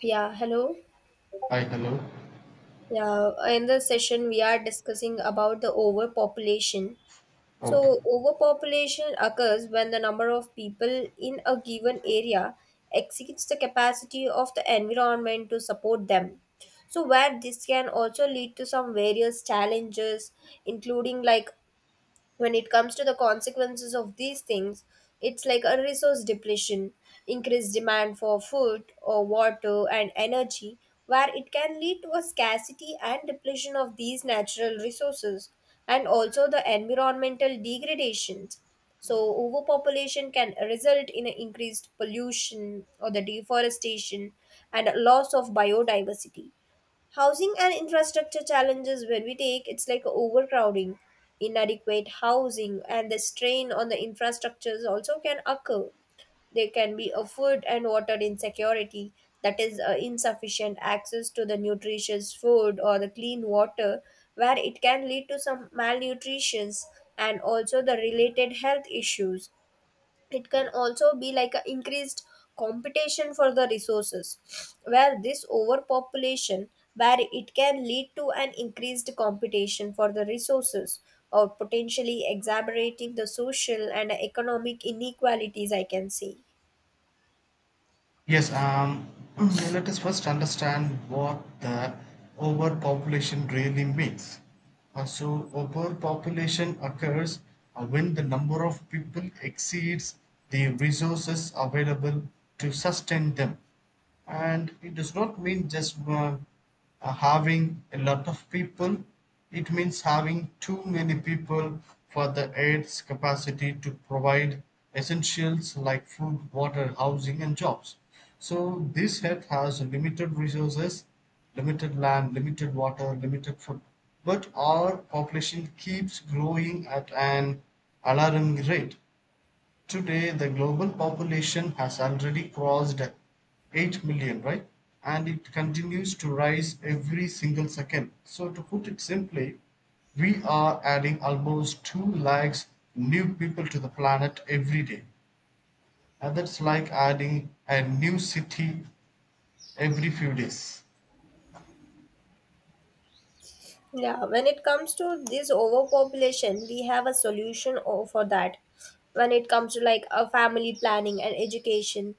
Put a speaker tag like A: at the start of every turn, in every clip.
A: Yeah, hello.
B: Hi, hello.
A: Yeah, in the session we are discussing about the overpopulation.
B: Okay.
A: So, overpopulation occurs when the number of people in a given area exceeds the capacity of the environment to support them. So, where this can also lead to some various challenges, including like when it comes to the consequences of these things it's like a resource depletion, increased demand for food or water and energy, where it can lead to a scarcity and depletion of these natural resources, and also the environmental degradations. So overpopulation can result in an increased pollution or the deforestation and a loss of biodiversity. Housing and infrastructure challenges, when we take it's like overcrowding, inadequate housing, and the strain on the infrastructures also can occur. There can be a food and water insecurity, that is, insufficient access to the nutritious food or the clean water, where it can lead to some malnutrition and also the related health issues. It can also be like a increased competition for the resources, where this overpopulation, where it can lead to an increased competition for the resources or potentially exacerbating the social and economic inequalities, I can see.
B: Yes, um, yeah, let us first understand what the overpopulation really means. So overpopulation occurs when the number of people exceeds the resources available to sustain them. And it does not mean just having a lot of people. It means having too many people for the aids capacity to provide essentials like food, water, housing and jobs. So this head has limited resources, limited land, limited water, limited food, but our population keeps growing at an alarming rate. Today, the global population has already crossed 8 million, right? And it continues to rise every single second. So, to put it simply, we are adding almost 2 lakhs new people to the planet every day. And that's like adding a new city every few days.
A: Yeah, when it comes to this overpopulation we have a solution for that, when it comes to like a family planning and education.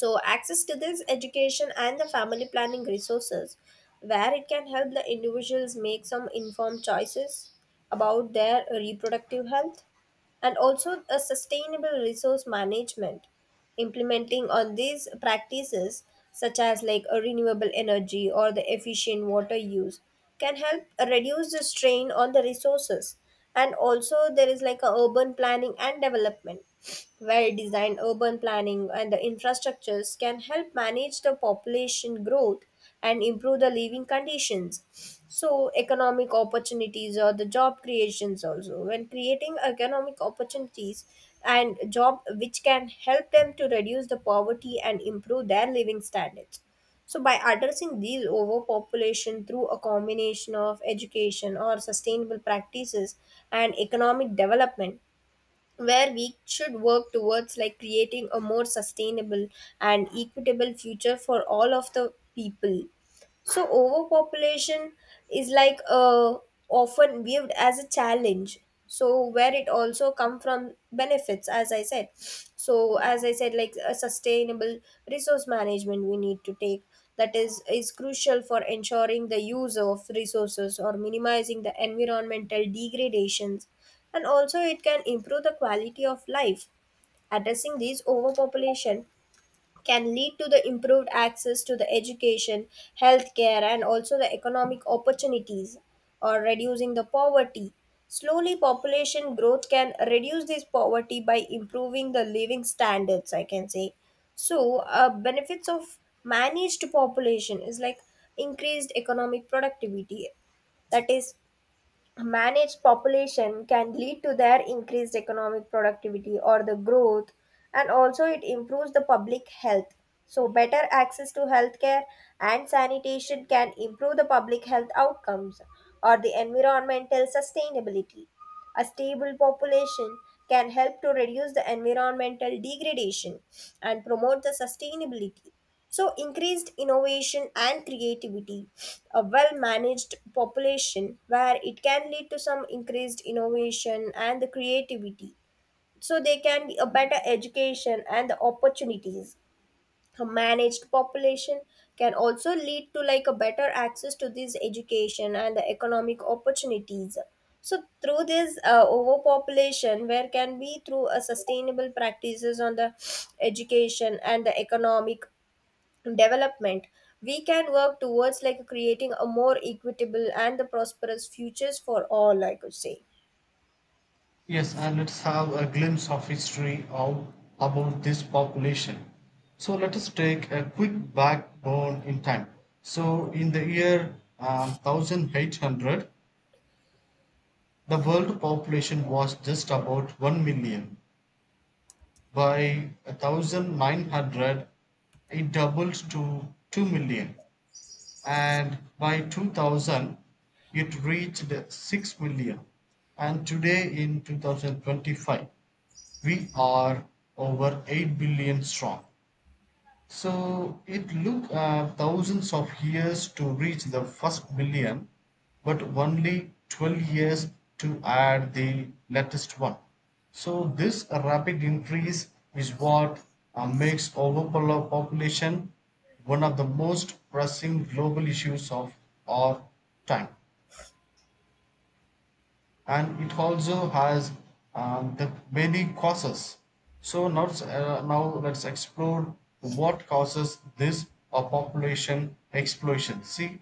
A: So, access to this education and the family planning resources, where it can help the individuals make some informed choices about their reproductive health, and also a sustainable resource management, implementing on these practices such as like a renewable energy or the efficient water use can help reduce the strain on the resources. And also there is like a urban planning and development. Well designed urban planning and the infrastructures can help manage the population growth and improve the living conditions. So economic opportunities or the job creations, also when creating economic opportunities and job, which can help them to reduce the poverty and improve their living standards. So by addressing these overpopulation through a combination of education or sustainable practices and economic development, where we should work towards like creating a more sustainable and equitable future for all of the people. So overpopulation is like often viewed as a challenge. So where it also come from benefits, as I said. So as I said, like a sustainable resource management we need to take, that is crucial for ensuring the use of resources or minimizing the environmental degradations, and also it can improve the quality of life. Addressing these overpopulation can lead to the improved access to the education, healthcare, and also the economic opportunities or reducing the poverty. Slowly, population growth can reduce this poverty by improving the living standards, I can say. So, benefits of managed population is like increased economic productivity, that is managed population can lead to their increased economic productivity or the growth. And also it improves the public health. So better access to healthcare and sanitation can improve the public health outcomes or the environmental sustainability. A stable population can help to reduce the environmental degradation and promote the sustainability. So, increased innovation and creativity, a well managed population where it can lead to some increased innovation and the creativity. So, they can be a better education and the opportunities. A managed population can also lead to like a better access to this education and the economic opportunities. So through this overpopulation, where can be through a sustainable practices on the education and the economic development, we can work towards like creating a more equitable and the prosperous futures for all, I could say.
B: Yes, and let's have a glimpse of history of about this population. So let us take a quick backbone in time. So in the year 1800, the world population was just about 1 million. By 1900, it doubled to 2 million. And by 2000, it reached 6 million. And today in 2025, we are over 8 billion strong. So it took thousands of years to reach the first billion, but only 12 years to add the latest one. So this rapid increase is what makes overpopulation one of the most pressing global issues of our time. And it also has the many causes. Now let's explore what causes this population explosion. See,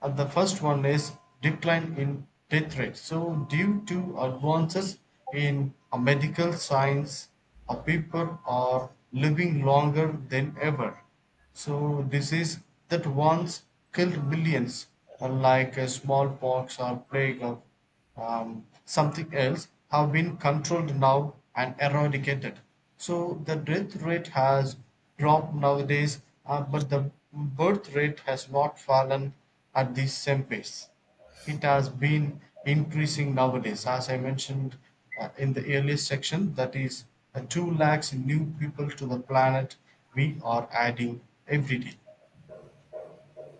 B: the first one is decline in death rate. So due to advances in medical science, people are living longer than ever. So disease that once killed millions, unlike a smallpox or plague of something else, have been controlled now and eradicated. So the death rate has dropped nowadays, but the birth rate has not fallen at the same pace. It has been increasing nowadays, as I mentioned in the earlier section, that is, 2 lakhs new people to the planet we are adding every day.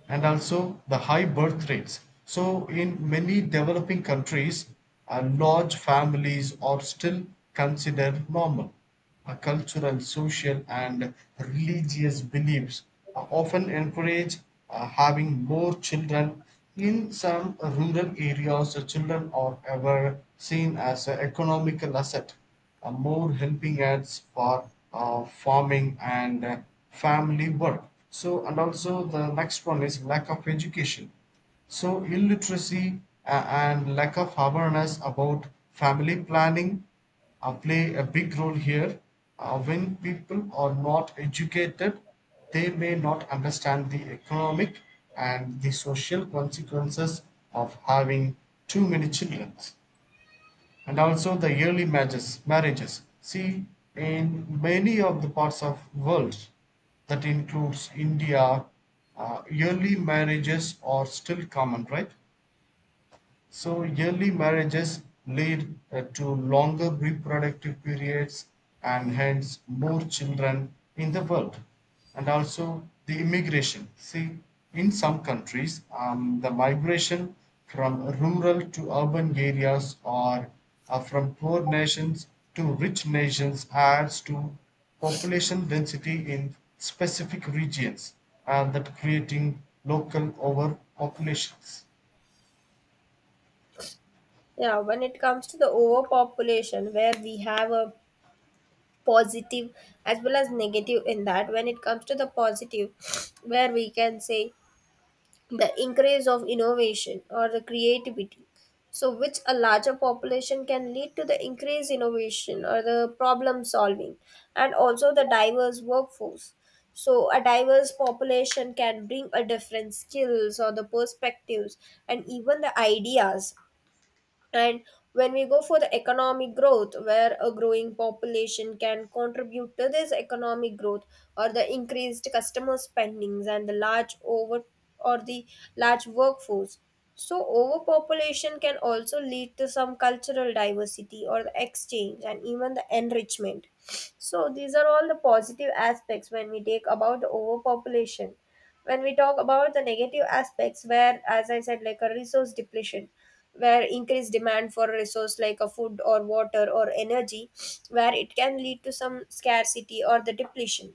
B: And also the high birth rates. So, in many developing countries, large families are still considered normal. Cultural, social, and religious beliefs often encourage having more children. In some rural areas, the children are ever seen as an economical asset, more helping ads for farming and family work. So, and also the next one is lack of education. So, illiteracy and lack of awareness about family planning play a big role here. When people are not educated, they may not understand the economic and the social consequences of having too many children. And also the early marriages. See, in many of the parts of world, that includes India, early marriages are still common, right? So early marriages lead to longer reproductive periods and hence more children in the world. And also the immigration. See, in some countries, the migration from rural to urban areas or from poor nations to rich nations adds to population density in specific regions, and that creating local overpopulations.
A: Yeah, when it comes to the overpopulation, where we have a positive as well as negative in that. When it comes to the positive, where we can say the increase of innovation or the creativity, so which a larger population can lead to the increased innovation or the problem solving, and also the diverse workforce. So a diverse population can bring a different skills or the perspectives and even the ideas. And when we go for the economic growth, where a growing population can contribute to this economic growth or the increased customer spendings and the large over, or the large workforce. So overpopulation can also lead to some cultural diversity or the exchange and even the enrichment. So these are all the positive aspects when we take about the overpopulation. When we talk about the negative aspects, where as I said, like a resource depletion, where increased demand for a resource like a food or water or energy, where it can lead to some scarcity or the depletion,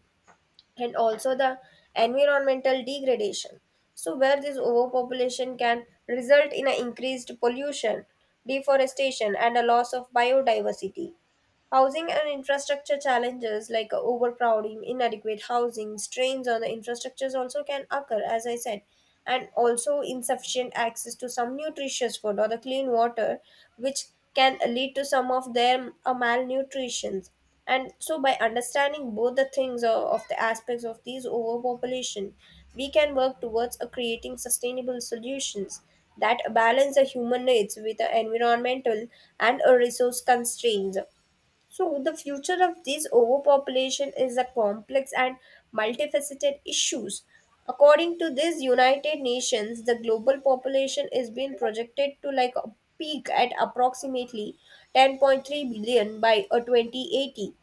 A: and also the environmental degradation. So where this overpopulation can result in an increased pollution, deforestation and a loss of biodiversity. Housing and infrastructure challenges like overcrowding, inadequate housing, strains on the infrastructures also can occur, as I said, and also insufficient access to some nutritious food or the clean water, which can lead to some of their malnutrition. And so, by understanding both the things of the aspects of these overpopulation, we can work towards creating sustainable solutions that balance the human needs with the environmental and resource constraints. So, the future of this overpopulation is a complex and multifaceted issues. According to this United Nations, the global population is being projected to like a peak at approximately 10.3 billion by 2080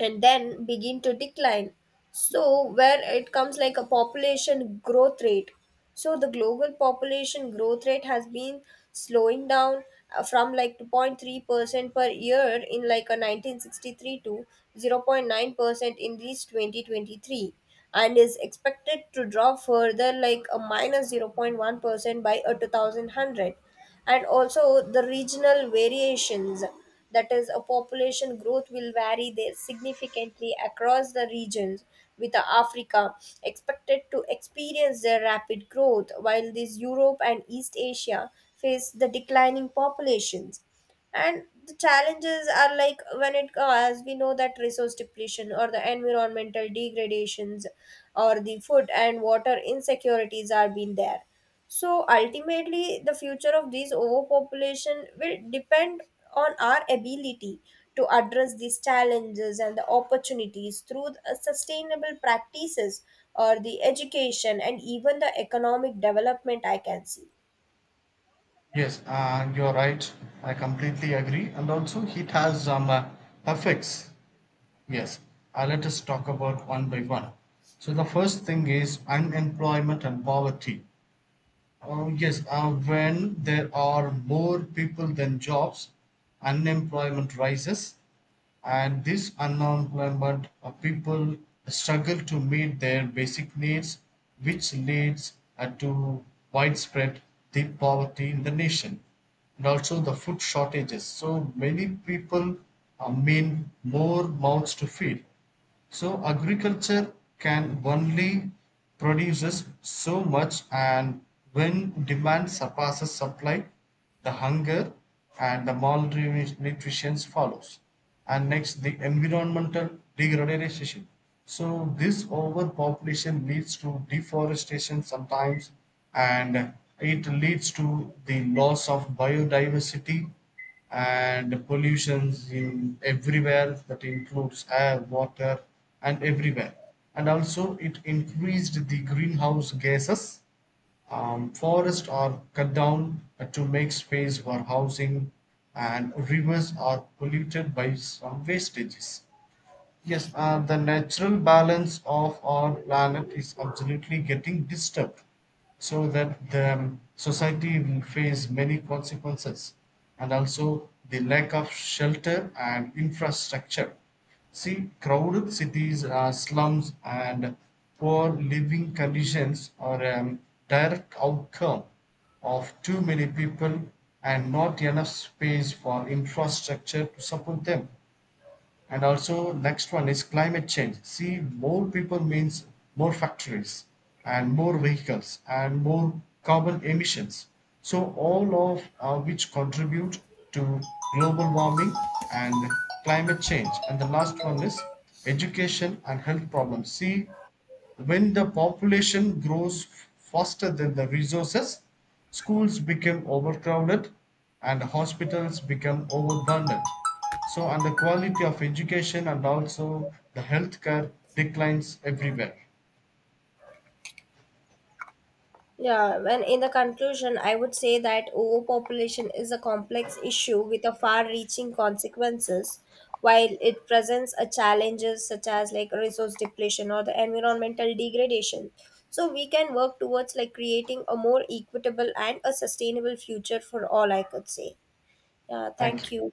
A: and then begin to decline. So, where it comes like a population growth rate. So, the global population growth rate has been slowing down from like 2.3% per year in like a 1963 to 0.9% in this 2023, and is expected to drop further like a 0.1% by a 2100. And also the regional variations, that is a population growth will vary there significantly across the regions, with Africa expected to experience their rapid growth while this Europe and East Asia face the declining populations. And the challenges are like when it as we know that resource depletion or the environmental degradations or the food and water insecurities are being there. So ultimately, the future of this overpopulation will depend on our ability to address these challenges and the opportunities through the sustainable practices or the education and even the economic development, I can see.
B: Yes, you're right. I completely agree. And also, it has some effects. Yes, let us talk about one by one. So, the first thing is unemployment and poverty. Yes, when there are more people than jobs, unemployment rises, and this unemployment people struggle to meet their basic needs, which leads to widespread deep poverty in the nation. And also the food shortages. So many people mean more mouths to feed. So agriculture can only produces so much, and when demand surpasses supply, the hunger and the malnutrition follows. And next the environmental degradation. So this overpopulation leads to deforestation sometimes, and it leads to the loss of biodiversity and pollutions in everywhere, that includes air, water and everywhere. And also it increased the greenhouse gases. Forests are cut down to make space for housing, and rivers are polluted by some wastages. Yes, the natural balance of our planet is absolutely getting disturbed, so that the society will face many consequences. And also the lack of shelter and infrastructure. See, crowded cities, slums, and poor living conditions are a direct outcome of too many people and not enough space for infrastructure to support them. And also next one is climate change. See, more people means more factories and more vehicles and more carbon emissions, so all of which contribute to global warming and climate change. And the last one is education and health problems. See, when the population grows faster than the resources, schools become overcrowded and hospitals become overburdened. So, and the quality of education and also the healthcare declines everywhere.
A: Yeah, when in the conclusion, I would say that overpopulation is a complex issue with a far-reaching consequences. While it presents a challenges such as like resource depletion or the environmental degradation, so we can work towards like creating a more equitable and a sustainable future for all, I could say. Yeah,
B: Thank
A: thank
B: you.
A: you.